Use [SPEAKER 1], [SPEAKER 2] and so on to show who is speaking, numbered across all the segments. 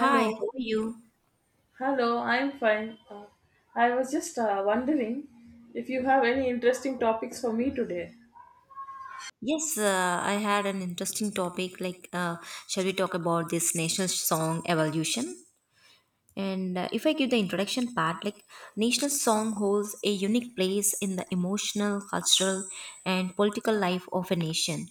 [SPEAKER 1] Hi, how are you?
[SPEAKER 2] Hello, I'm fine. I was just wondering if you have any interesting topics for me today.
[SPEAKER 1] Yes, I had an interesting topic. Like, shall we talk about this national song evolution? And if I give the introduction part, like national song holds a unique place in the emotional, cultural, and political life of a nation.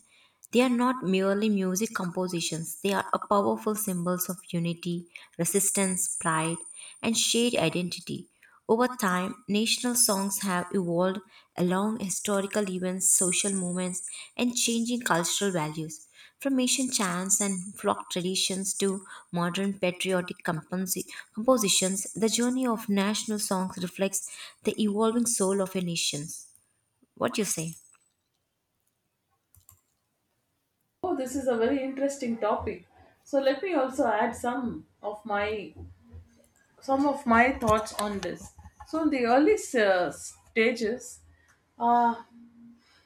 [SPEAKER 1] They are not merely music compositions, they are a powerful symbols of unity, resistance, pride, and shared identity. Over time, national songs have evolved along historical events, social movements, and changing cultural values. From ancient chants and folk traditions to modern patriotic compositions, the journey of national songs reflects the evolving soul of a nation. What do you say?
[SPEAKER 2] Oh, this is a very interesting topic. So let me also add some of my thoughts on this. So in the early stages, uh,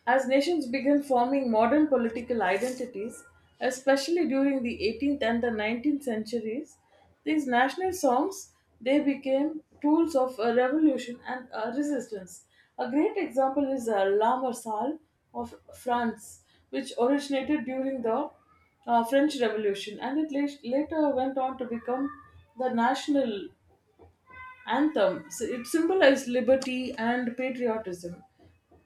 [SPEAKER 2] as nations began forming modern political identities, especially during the 18th and the 19th centuries, these national songs they became tools of a revolution and a resistance. A great example is La Marsal of France, which originated during the French Revolution, and it later went on to become the national anthem. So it symbolized liberty and patriotism.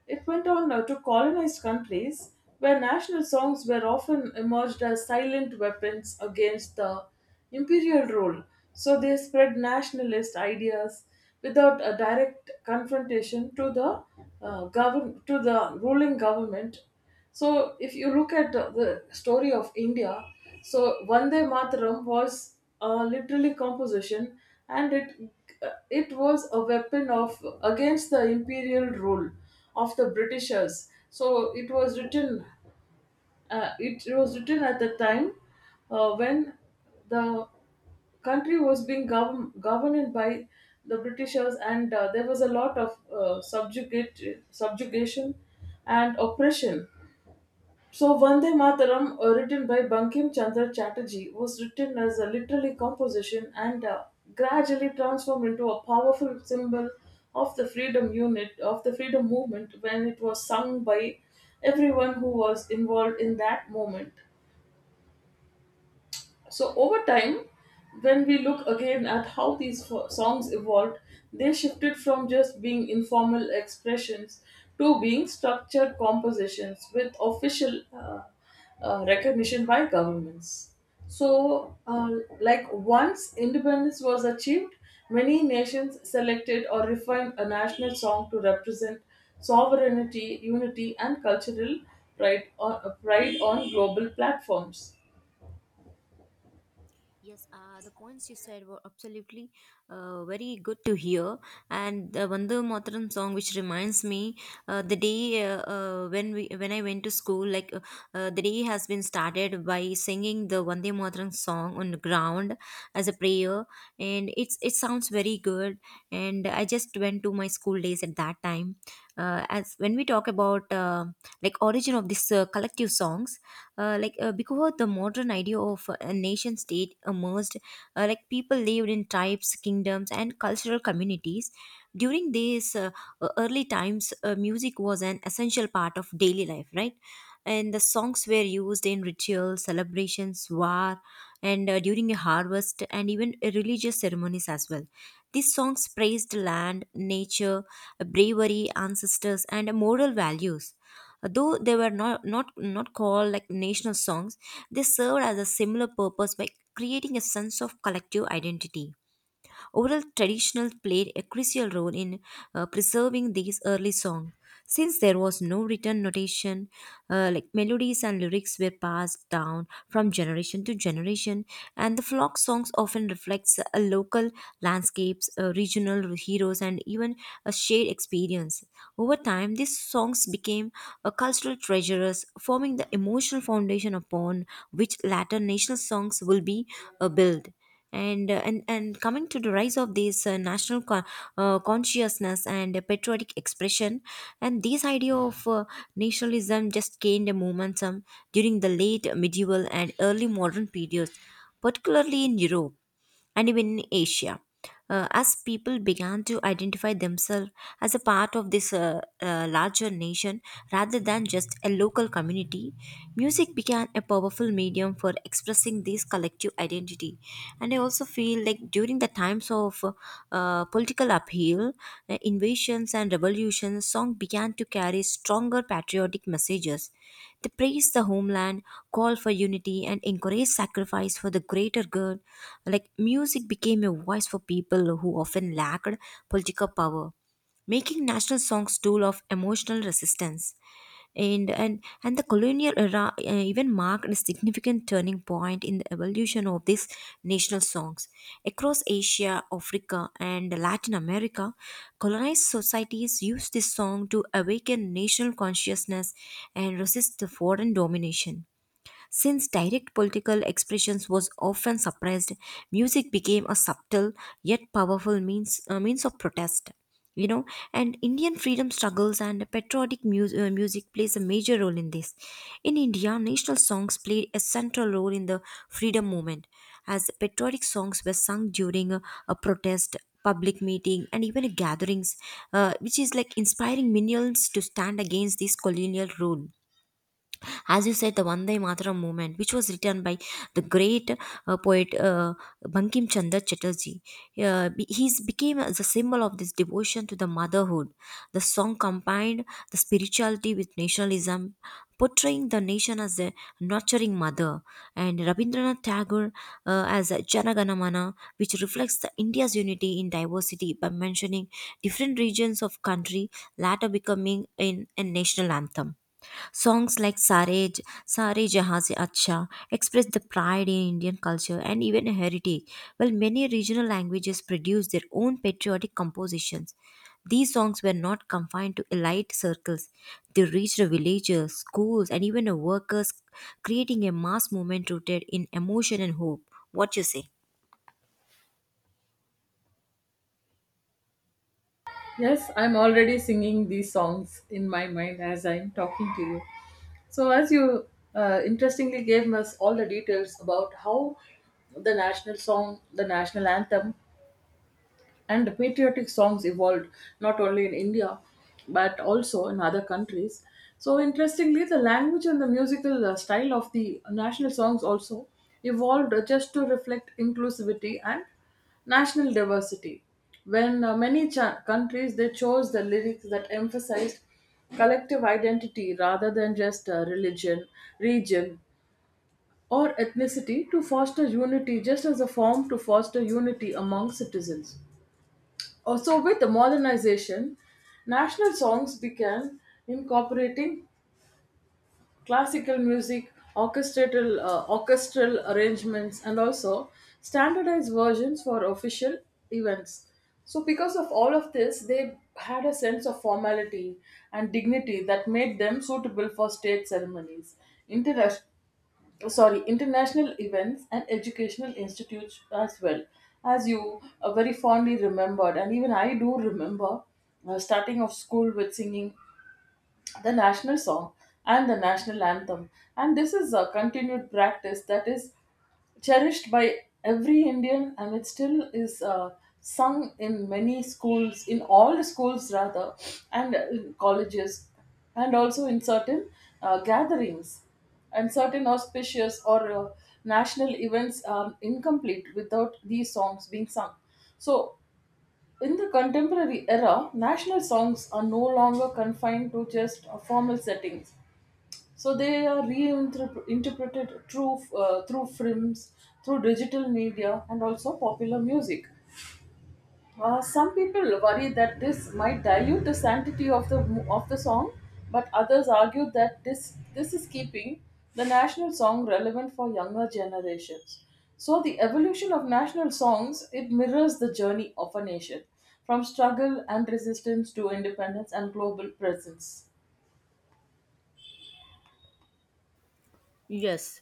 [SPEAKER 2] It went on to colonized countries where national songs were often emerged as silent weapons against the imperial rule. So they spread nationalist ideas without a direct confrontation to the govern to the ruling government. So if you look at the story of India, so Vande Mataram was literally composition, and it was a weapon of against the imperial rule of the Britishers. So it was written, it was written at the time when the country was being governed by the Britishers, and there was a lot of subjugation and oppression. So Vande Mataram, written by Bankim Chandra Chatterjee, was written as a literary composition and gradually transformed into a powerful symbol of the freedom movement when it was sung by everyone who was involved in that moment. So over time, when we look again at how these songs evolved, they shifted from just being informal expressions to being structured compositions with official recognition by governments. So, like once independence was achieved, many nations selected or refined a national song to represent sovereignty, unity, and cultural pride on global platforms.
[SPEAKER 1] Yes, the points you said were absolutely very good to hear. And the Vande Mataram song, which reminds me, the day when I went to school, like the day has been started by singing the Vande Mataram song on the ground as a prayer, and it sounds very good. And I just went to my school days at that time. As when we talk about like origin of this collective songs, like because the modern idea of a nation state emerged, like people lived in tribes, kingdoms, and cultural communities. During these early times, music was an essential part of daily life, right? And the songs were used in rituals, celebrations, war, and during a harvest, and even religious ceremonies as well. These songs praised land, nature, bravery, ancestors, and moral values. Though they were not called like national songs, they served as a similar purpose by creating a sense of collective identity. Oral traditional played a crucial role in preserving these early songs. Since there was no written notation, like melodies and lyrics were passed down from generation to generation, and the flock songs often reflects a local landscapes, regional heroes, and even a shared experience. Over time, these songs became a cultural treasures, forming the emotional foundation upon which later national songs will be built, and coming to the rise of these national consciousness and patriotic expression, and this idea of nationalism just gained momentum during the late medieval and early modern periods, particularly in Europe and even in Asia. As people began to identify themselves as a part of this larger nation rather than just a local community, music became a powerful medium for expressing this collective identity. And I also feel like during the times of political upheaval, invasions, and revolutions, song began to carry stronger patriotic messages. They praise the homeland, call for unity, and encourage sacrifice for the greater good. Like music became a voice for people who often lacked political power, making national songs tool of emotional resistance. And the colonial era even marked a significant turning point in the evolution of these national songs across Asia, Africa, and Latin America. Colonized societies used this song to awaken national consciousness and resist the foreign domination. Since direct political expressions was often suppressed, music became a subtle yet powerful means of protest. You know, and Indian freedom struggles and patriotic music plays a major role in this. In India, national songs played a central role in the freedom movement, as patriotic songs were sung during a protest, public meeting, and even gatherings, which is like inspiring millions to stand against this colonial rule. As you said, the Vande Mataram movement, which was written by the great poet Bankim Chandra Chatterjee, he's became the symbol of this devotion to the motherhood. The song combined the spirituality with nationalism, portraying the nation as a nurturing mother, and Rabindranath Tagore, as a Janaganamana, which reflects the India's unity in diversity by mentioning different regions of country, latter becoming in a national anthem. Songs like Sare Jahan Se Acha express the pride in Indian culture and even heritage, while many regional languages produce their own patriotic compositions. These songs were not confined to elite circles. They reached the villages, schools, and even the workers, creating a mass movement rooted in emotion and hope. What you say?
[SPEAKER 2] Yes, I'm already singing these songs in my mind as I'm talking to you. So, as you interestingly gave us all the details about how the national song, the national anthem, and the patriotic songs evolved not only in India but also in other countries. So, interestingly, the language and the musical style of the national songs also evolved just to reflect inclusivity and national diversity. When countries they chose the lyrics that emphasized collective identity rather than just religion, region, or ethnicity to foster unity, just as a form to foster unity among citizens. So with the modernization, national songs began incorporating classical music, orchestral arrangements, and also standardized versions for official events. So, because of all of this, they had a sense of formality and dignity that made them suitable for state ceremonies, international international events and educational institutes as well. As you very fondly remembered and even I do remember starting off school with singing the national song and the national anthem. And this is a continued practice that is cherished by every Indian, and it still is sung in many schools, in all the schools rather, and in colleges, and also in certain gatherings. And certain auspicious or national events are incomplete without these songs being sung. So in the contemporary era, national songs are no longer confined to just formal settings. So they are reinterpreted through films, through digital media, and also popular music. Some people worry that this might dilute the sanctity of the song, but others argue that this is keeping the national song relevant for younger generations. So the evolution of national songs, it mirrors the journey of a nation from struggle and resistance to independence and global presence.
[SPEAKER 1] Yes,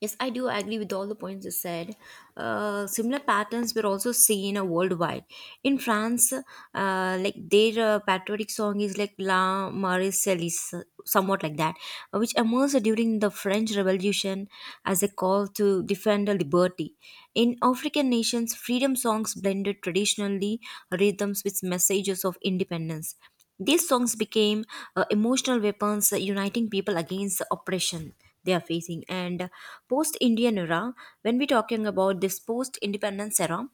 [SPEAKER 1] Yes, I do agree with all the points you said. Similar patterns were also seen worldwide. In France, like their patriotic song is like La Marseillaise, somewhat like that, which emerged during the French Revolution as a call to defend the liberty. In African nations, freedom songs blended traditionally rhythms with messages of independence. These songs became emotional weapons, uniting people against the oppression they are facing. And post Indian era, when we're talking about this post independence era,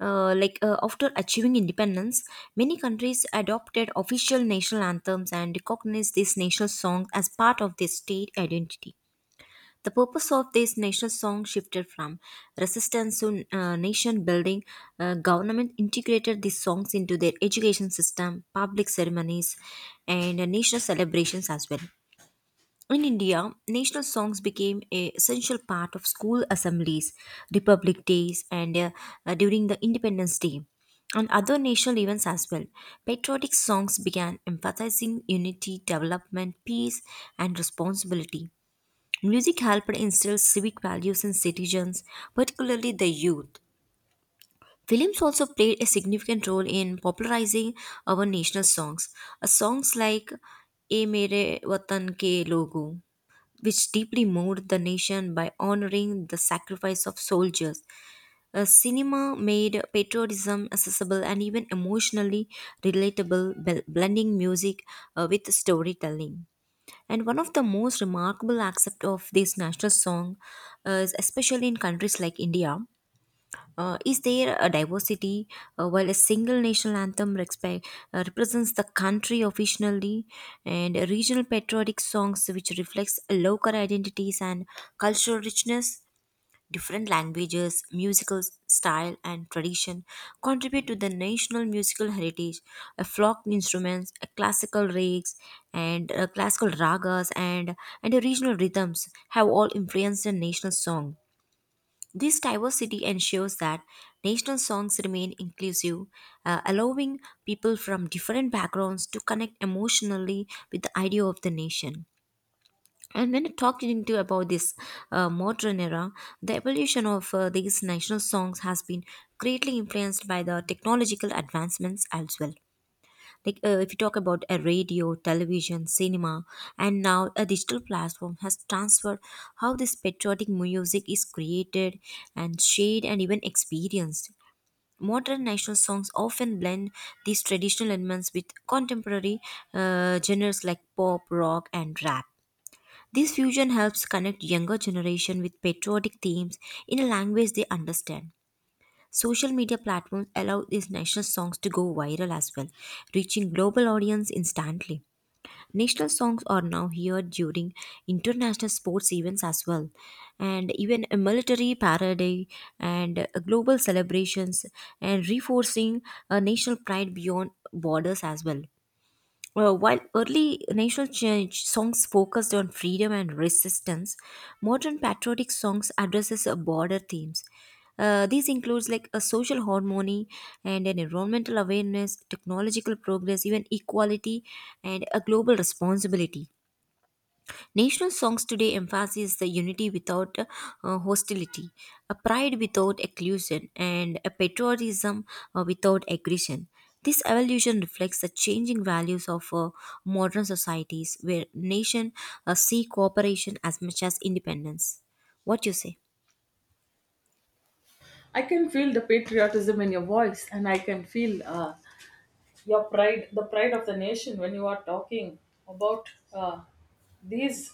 [SPEAKER 1] like, after achieving independence, many countries adopted official national anthems and recognized these national songs as part of their state identity. The purpose of these national songs shifted from resistance to nation building. Government integrated these songs into their education system, public ceremonies, and national celebrations as well. In India, national songs became a essential part of school assemblies, Republic Days, and during the Independence Day, and other national events as well. Patriotic songs began emphasizing unity, development, peace, and responsibility. Music helped instill civic values in citizens, particularly the youth. Films also played a significant role in popularizing our national songs. Songs like "A Mere Watan Ke Logo," which deeply moved the nation by honoring the sacrifice of soldiers. Cinema made patriotism accessible and even emotionally relatable, blending music with storytelling. And one of the most remarkable aspects of this national song, is especially in countries like India, is there a diversity, while a single national anthem represents the country officially, and regional patriotic songs which reflects local identities and cultural richness. Different languages, musical style, and tradition contribute to the national musical heritage. A folk instruments, a classical rigs, and classical ragas, and the regional rhythms have all influenced the national song. This diversity ensures that national songs remain inclusive, allowing people from different backgrounds to connect emotionally with the idea of the nation. And when talking to about this modern era, the evolution of these national songs has been greatly influenced by the technological advancements as well. Like, if you talk about a radio, television, cinema, and now a digital platform has transferred how this patriotic music is created and shared and even experienced. Modern national songs often blend these traditional elements with contemporary genres like pop, rock, and rap. This fusion helps connect younger generation with patriotic themes in a language they understand. Social media platforms allow these national songs to go viral as well, reaching global audience instantly. National songs are now heard during international sports events as well, and even a military parade and global celebrations, and reinforcing a national pride beyond borders as well. Well, while early national change songs focused on freedom and resistance, modern patriotic songs addresses broader themes. These includes like a social harmony and an environmental awareness, technological progress, even equality, and a global responsibility. National songs today emphasize the unity without hostility, a pride without exclusion, and a patriotism without aggression. This evolution reflects the changing values of modern societies where nations see cooperation as much as independence. What you say?
[SPEAKER 2] I can feel the patriotism in your voice, and I can feel your pride, the pride of the nation, when you are talking about these,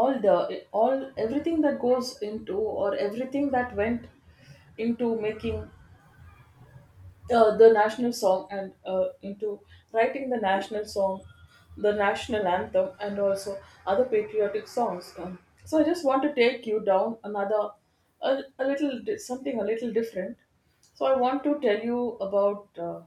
[SPEAKER 2] all the all everything that goes into, or everything that went into making the national song, and into writing the national song, the national anthem, and also other patriotic songs. So I just want to take you down another something a little different. So I want to tell you about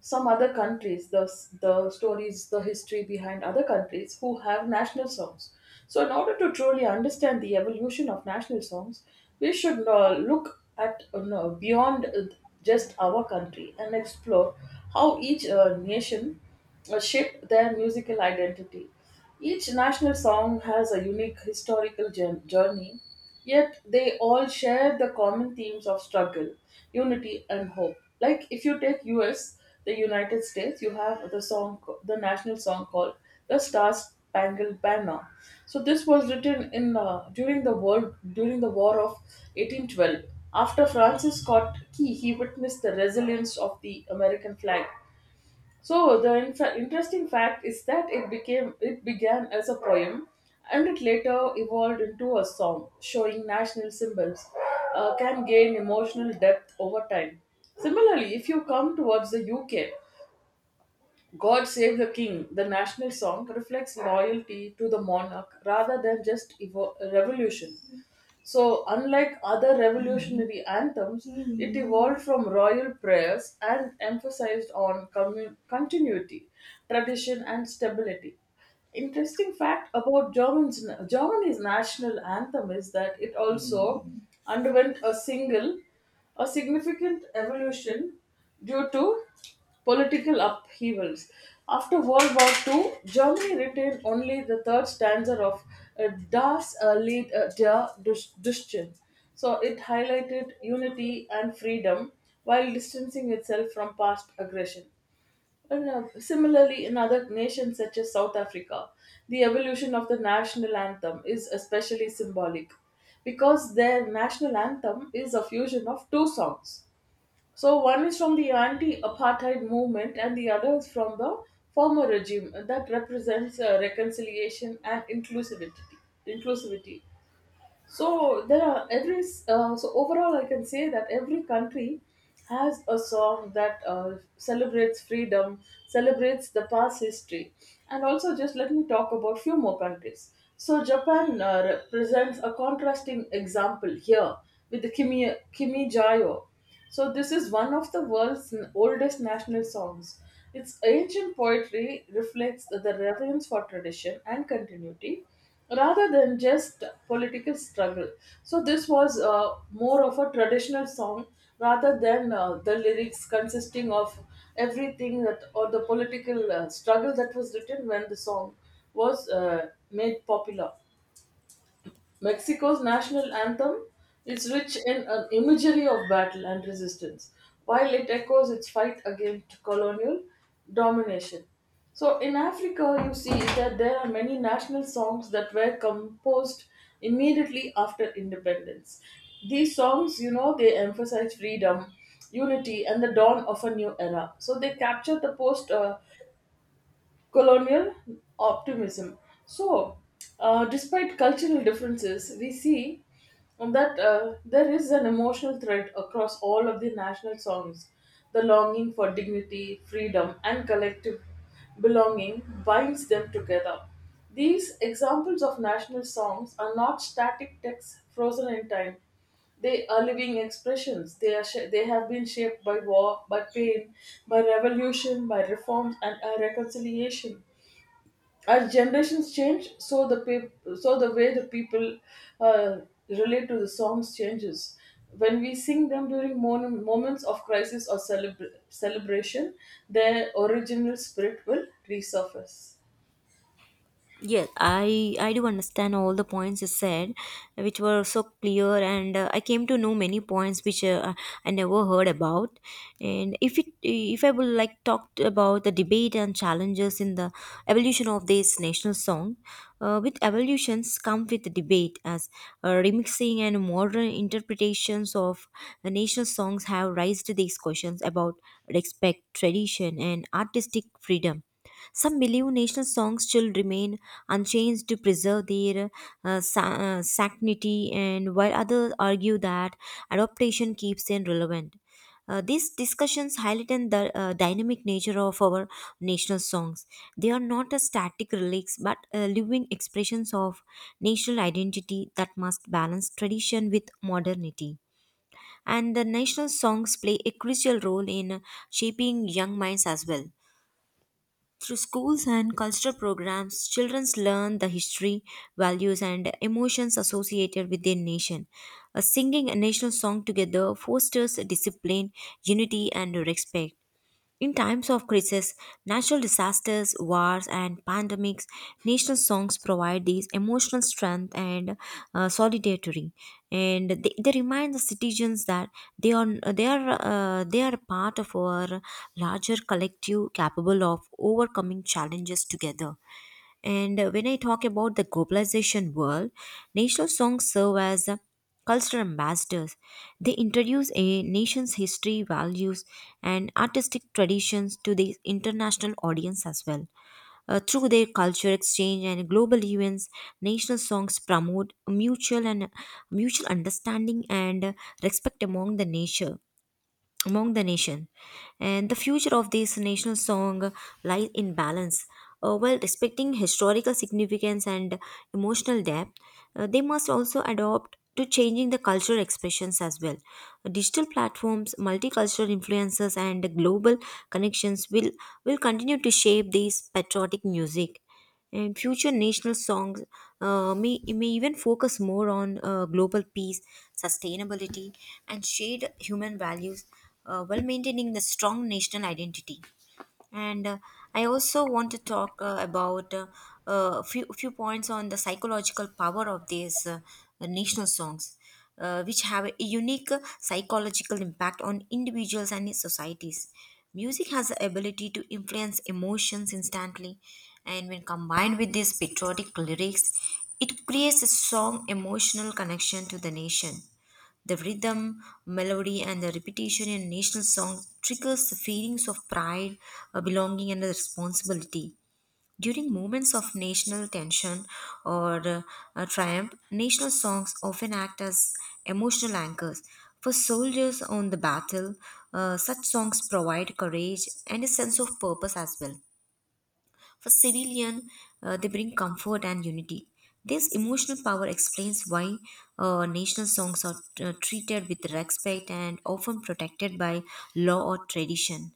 [SPEAKER 2] some other countries, the stories, the history behind other countries who have national songs. So in order to truly understand the evolution of national songs, we should look at no, beyond just our country and explore how each nation shaped their musical identity. Each national song has a unique historical journey. Yet they all share the common themes of struggle, unity, and hope. Like if you take US, the United States, you have the song, the national song called "The Star Spangled Banner." So this was written in during the War of 1812. After Francis Scott Key, he witnessed the resilience of the American flag, so the interesting fact is that it began as a poem, and it later evolved into a song, showing national symbols can gain emotional depth over time. Similarly, if you come towards the UK, God Save the King, the national song, reflects loyalty to the monarch rather than just revolution. So, unlike other revolutionary anthems, it evolved from royal prayers and emphasized on continuity, tradition, and stability. Interesting fact about Germany's national anthem is that it also underwent a significant evolution due to political upheavals. After World War II, Germany retained only the third stanza of Das Lied der Deutschen. So it highlighted unity and freedom while distancing itself from past aggression. And, similarly, in other nations such as South Africa, the evolution of the national anthem is especially symbolic because their national anthem is a fusion of two songs. So, one is from the anti apartheid movement, and the other is from the former regime, that represents reconciliation and inclusivity. inclusivity. So there are every so overall, I can say that every country has a song that celebrates freedom, celebrates the past history, and also just let me talk about few more countries. So Japan represents a contrasting example here with the Kimi Jayo. So this is one of the world's oldest national songs. Its ancient poetry reflects the reverence for tradition and continuity rather than just political struggle. So this was more of a traditional song rather than the lyrics consisting of everything that, or the political struggle that was written when the song was made popular. Mexico's national anthem is rich in an imagery of battle and resistance, while it echoes its fight against colonial domination. So, in Africa, you see that there are many national songs that were composed immediately after independence. These songs, you know, they emphasize freedom, unity, and the dawn of a new era. So, they capture the post colonial optimism. So, despite cultural differences, we see that there is an emotional thread across all of the national songs. The longing for dignity, freedom, and collective belonging binds them together. These examples of national songs are not static texts frozen in time. They are living expressions. They are they have been shaped by war, by pain, by revolution, by reforms, and by reconciliation. As generations change, so so the way the people uh, relate to the songs changes. When we sing them during moments of crisis or celebration, their original spirit will resurface.
[SPEAKER 1] Yes, I do understand all the points you said, which were so clear, and I came to know many points which I never heard about. And if I would like talk about the debate and challenges in the evolution of this national song, with evolutions come with debate as remixing and modern interpretations of the national songs have raised these questions about respect, tradition, and artistic freedom. Some Milieu national songs still remain unchanged to preserve their sanctity, and while others argue that adaptation keeps them relevant. These discussions highlight the dynamic nature of our national songs. They are not a static relics but living expressions of national identity that must balance tradition with modernity. And the national songs play a crucial role in shaping young minds as well. Through schools and cultural programs, children learn the history, values, and emotions associated with their nation. Singing a national song together fosters discipline, unity, and respect. In times of crisis, natural disasters, wars, and pandemics, national songs provide these emotional strength and solidarity, and they remind the citizens that they are they are they are part of our larger collective, capable of overcoming challenges together. And when I talk about the globalization world, national songs serve as cultural ambassadors. They introduce a nation's history, values, and artistic traditions to the international audience as well. Through their culture exchange and global events, national songs promote mutual understanding and respect among the nation. And the future of this national song lies in balance. While respecting historical significance and emotional depth, they must also adopt to changing the cultural expressions as well. Digital platforms, multicultural influences, and global connections will continue to shape this patriotic music and future national songs may even focus more on global peace, sustainability, and shared human values while maintaining the strong national identity and I also want to talk about a few points on the psychological power of these national songs which have a unique psychological impact on individuals and societies. Music has the ability to influence emotions instantly, and when combined with these patriotic lyrics, it creates a strong emotional connection to the nation. The rhythm, melody, and the repetition in national songs triggers the feelings of pride, belonging, and responsibility. During moments of national tension or triumph, national songs often act as emotional anchors. For soldiers on the battle, such songs provide courage and a sense of purpose as well. For civilian, they bring comfort and unity. This emotional power explains why national songs are treated with respect and often protected by law or tradition.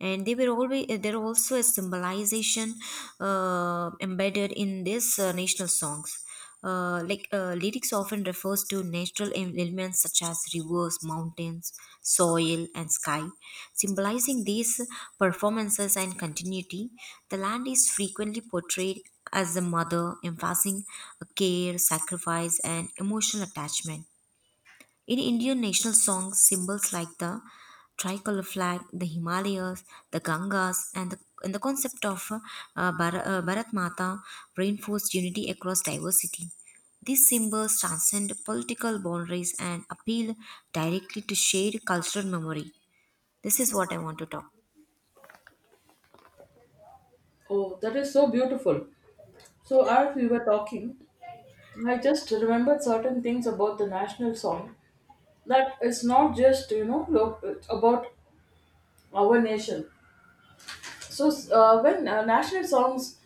[SPEAKER 1] And they were always there also a symbolization embedded in these national songs, like lyrics often refers to natural elements such as rivers, mountains, soil, and sky, symbolizing these performances and continuity. The land is frequently portrayed as the mother, emphasizing care, sacrifice, and emotional attachment. In Indian national songs, symbols like the tricolor flag, the Himalayas, the Gangas, and the concept of Bharat Mata reinforced unity across diversity. These symbols transcend political boundaries and appeal directly to shared cultural memory. This is what I want to talk.
[SPEAKER 2] Oh, that is so beautiful. So, as we were talking, I just remembered certain things about the national song, that it's not just, you know, look, it's about our nation. So when national songs,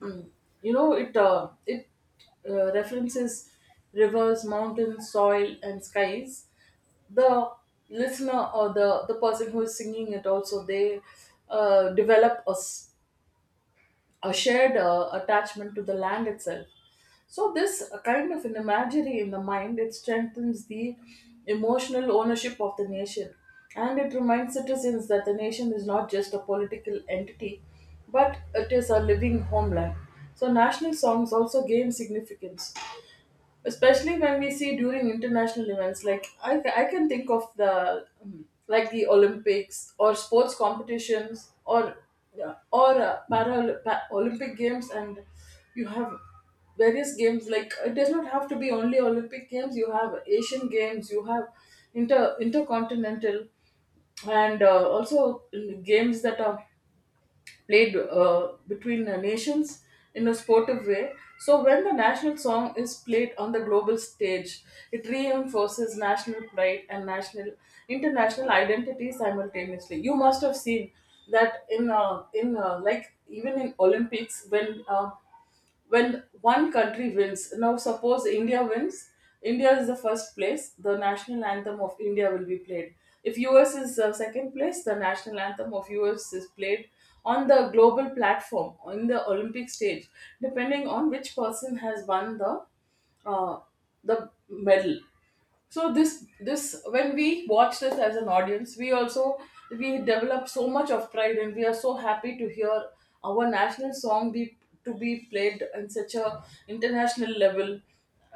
[SPEAKER 2] mm, you know, it references rivers, mountains, soil, and skies. The listener, or the person who is singing it also, they develop us a shared attachment to the land itself. So this kind of an imagery in the mind, it strengthens the emotional ownership of the nation, and it reminds citizens that the nation is not just a political entity, but it is a living homeland. So national songs also gain significance, especially when we see during international events, like I can think of the like the olympics or sports competitions or yeah, or olympic games. And you have various games, like it does not have to be only olympic games. You have asian games, you have intercontinental, and also games that are played between nations in a sportive way. So when the national song is played on the global stage, it reinforces national pride and national international identity simultaneously. You must have seen that in like even in Olympics when one country wins. Now, suppose India wins, India is the first place, the national anthem of India will be played. If US is second place, the national anthem of US is played on the global platform, on the Olympic stage, depending on which person has won uh, the medal. So this, when we watch this as an audience, we also we develop so much of pride, and we are so happy to hear our national song be to be played in such a international level.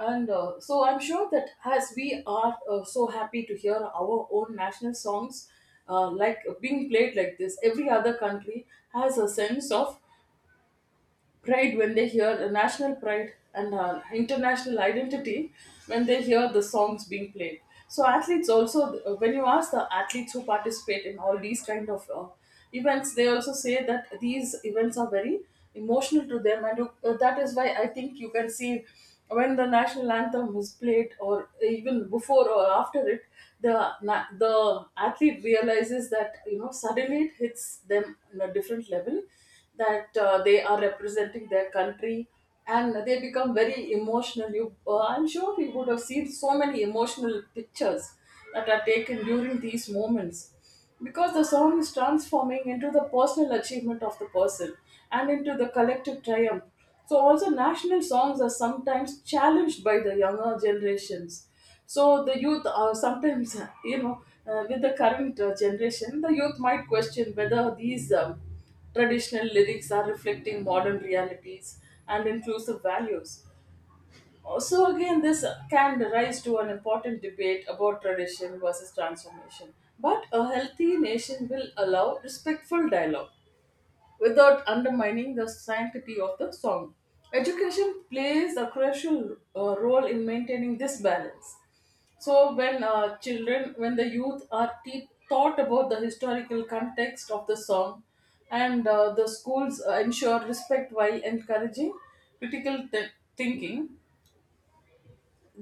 [SPEAKER 2] And uh, so I'm sure that as we are so happy to hear our own national songs like being played like this, every other country has a sense of pride when they hear the national pride and international identity when they hear the songs being played. So athletes also, when you ask the athletes who participate in all these kind of events, they also say that these events are very emotional to them. That is why I think you can see when the national anthem is played, or even before or after it, the athlete realizes that, you know, suddenly it hits them on a different level, that they are representing their country, and they become very emotional. I'm sure you would have seen so many emotional pictures that are taken during these moments, because the song is transforming into the personal achievement of the person and into the collective triumph. So, also, national songs are sometimes challenged by the younger generations. So, the youth are sometimes, you know, with the current generation, the youth might question whether these. Traditional lyrics are reflecting modern realities and inclusive values. So, again, this can rise to an important debate about tradition versus transformation. But a healthy nation will allow respectful dialogue without undermining the sanctity of the song. Education plays a crucial role in maintaining this balance. So when children, when the youth are taught about the historical context of the song, and the schools ensure respect while encouraging critical thinking,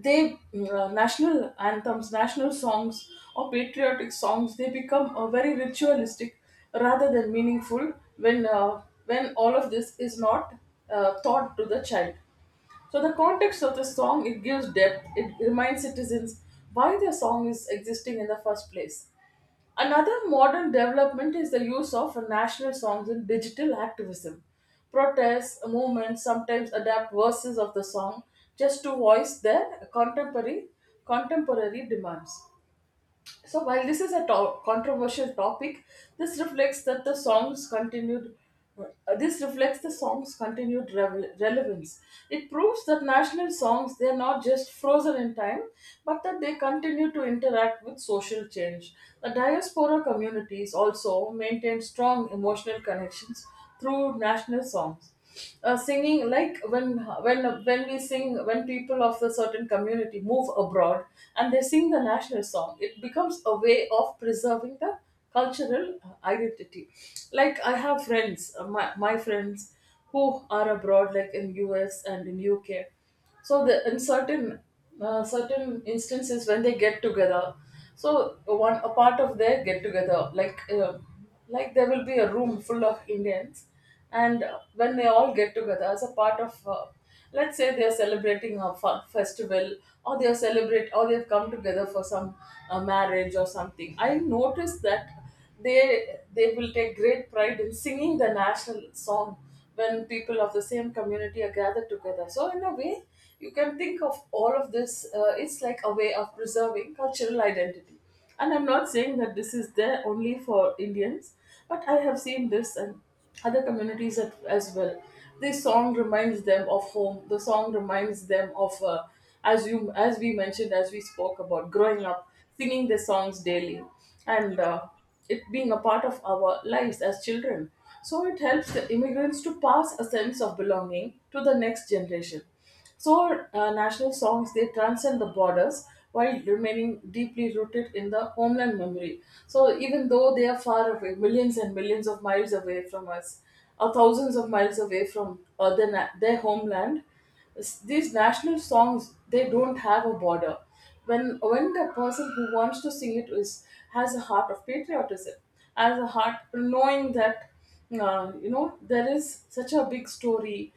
[SPEAKER 2] they national anthems, national songs, or patriotic songs, they become very ritualistic rather than meaningful when all of this is not taught to the child. So the context of the song, it gives depth, it reminds citizens why the song is existing in the first place. Another modern development is the use of national songs in digital activism. Protests, movements sometimes adapt verses of the song just to voice their contemporary demands. So while this is a controversial topic, this reflects that the song's continued this reflects the song's continued relevance. It proves that national songs, they are not just frozen in time, but that they continue to interact with social change. The diaspora communities also maintain strong emotional connections through national songs, singing like when we sing, when people of the certain community move abroad and they sing the national song, it becomes a way of preserving the cultural identity. Like I have friends, my friends who are abroad, like in US and in UK. So the in certain certain instances when they get together, so one a part of their get together, like there will be a room full of Indians, and when they all get together as a part of let's say they are celebrating a festival, or they are celebrate, or they've come together for some marriage or something, I noticed that they they will take great pride in singing the national song when people of the same community are gathered together. So, in a way, you can think of all of this, it's like a way of preserving cultural identity. And I'm not saying that this is there only for Indians, but I have seen this and other communities as well. This song reminds them of home. The song reminds them of, as you as we mentioned, as we spoke about growing
[SPEAKER 1] Yes,
[SPEAKER 2] up, singing the songs daily, and
[SPEAKER 1] yes,
[SPEAKER 2] it being a part of our lives as children. So it helps the immigrants to pass a sense of belonging to the next generation. So national songs, they transcend the borders while remaining deeply rooted in the homeland memory. So even though they are far away, millions and millions of miles away from us, or thousands of miles away from their homeland, these national songs, they don't have a border. When the person who wants to sing it is has a heart of patriotism, has a heart knowing that, you know, there is such a big story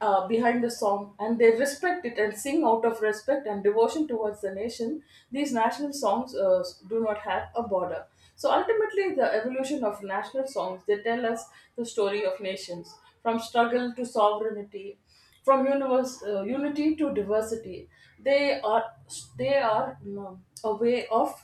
[SPEAKER 2] behind the song, and they respect it and sing out of respect and devotion towards the nation, these national songs do not have a border. So ultimately, the evolution of national songs, they tell us the story of nations, from struggle to sovereignty, from unity to diversity. They are you know, a way of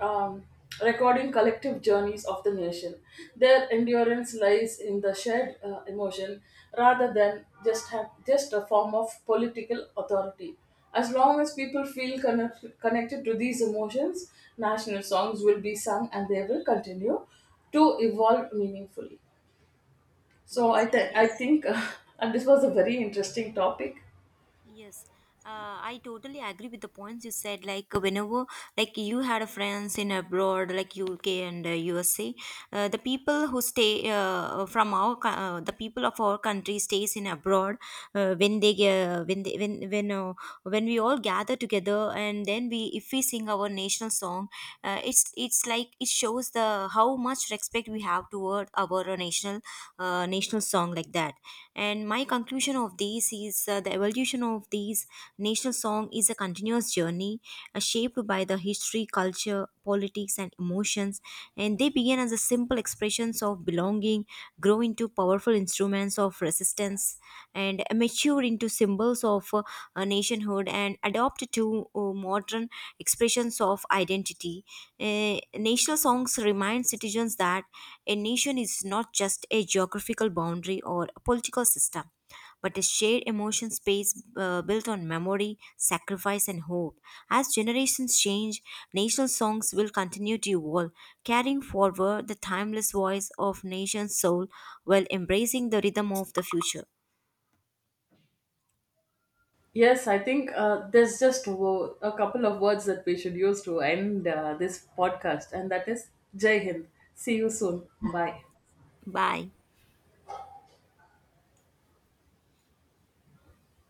[SPEAKER 2] um, recording collective journeys of the nation. Their endurance lies in the shared emotion rather than just a form of political authority. As long as people feel connected to these emotions, national songs will be sung and they will continue to evolve meaningfully. So
[SPEAKER 1] yes,
[SPEAKER 2] I think, and this was a very interesting topic.
[SPEAKER 1] yes, I totally agree with the points you said. Like whenever, like you had friends in abroad, like UK and USA, the people who stay the people of our country stays in abroad. When they when they, when we all gather together and then we if we sing our national song, it's like it shows the how much respect we have toward our national national song like that. And my conclusion of these is the evolution of these national song is a continuous journey shaped by the history, culture, politics, and emotions. And they began as a simple expressions of belonging, grow into powerful instruments of resistance, and mature into symbols of nationhood, and adopt to modern expressions of identity. National songs remind citizens that a nation is not just a geographical boundary or a political system, but a shared emotion space built on memory, sacrifice, and hope. As generations change, national songs will continue to evolve, carrying forward the timeless voice of nation's soul while embracing the rhythm of the future.
[SPEAKER 2] Yes, I think there's just a couple of words that we should use to end this podcast, and that is Jai Hind. See you soon. Bye.
[SPEAKER 1] Bye.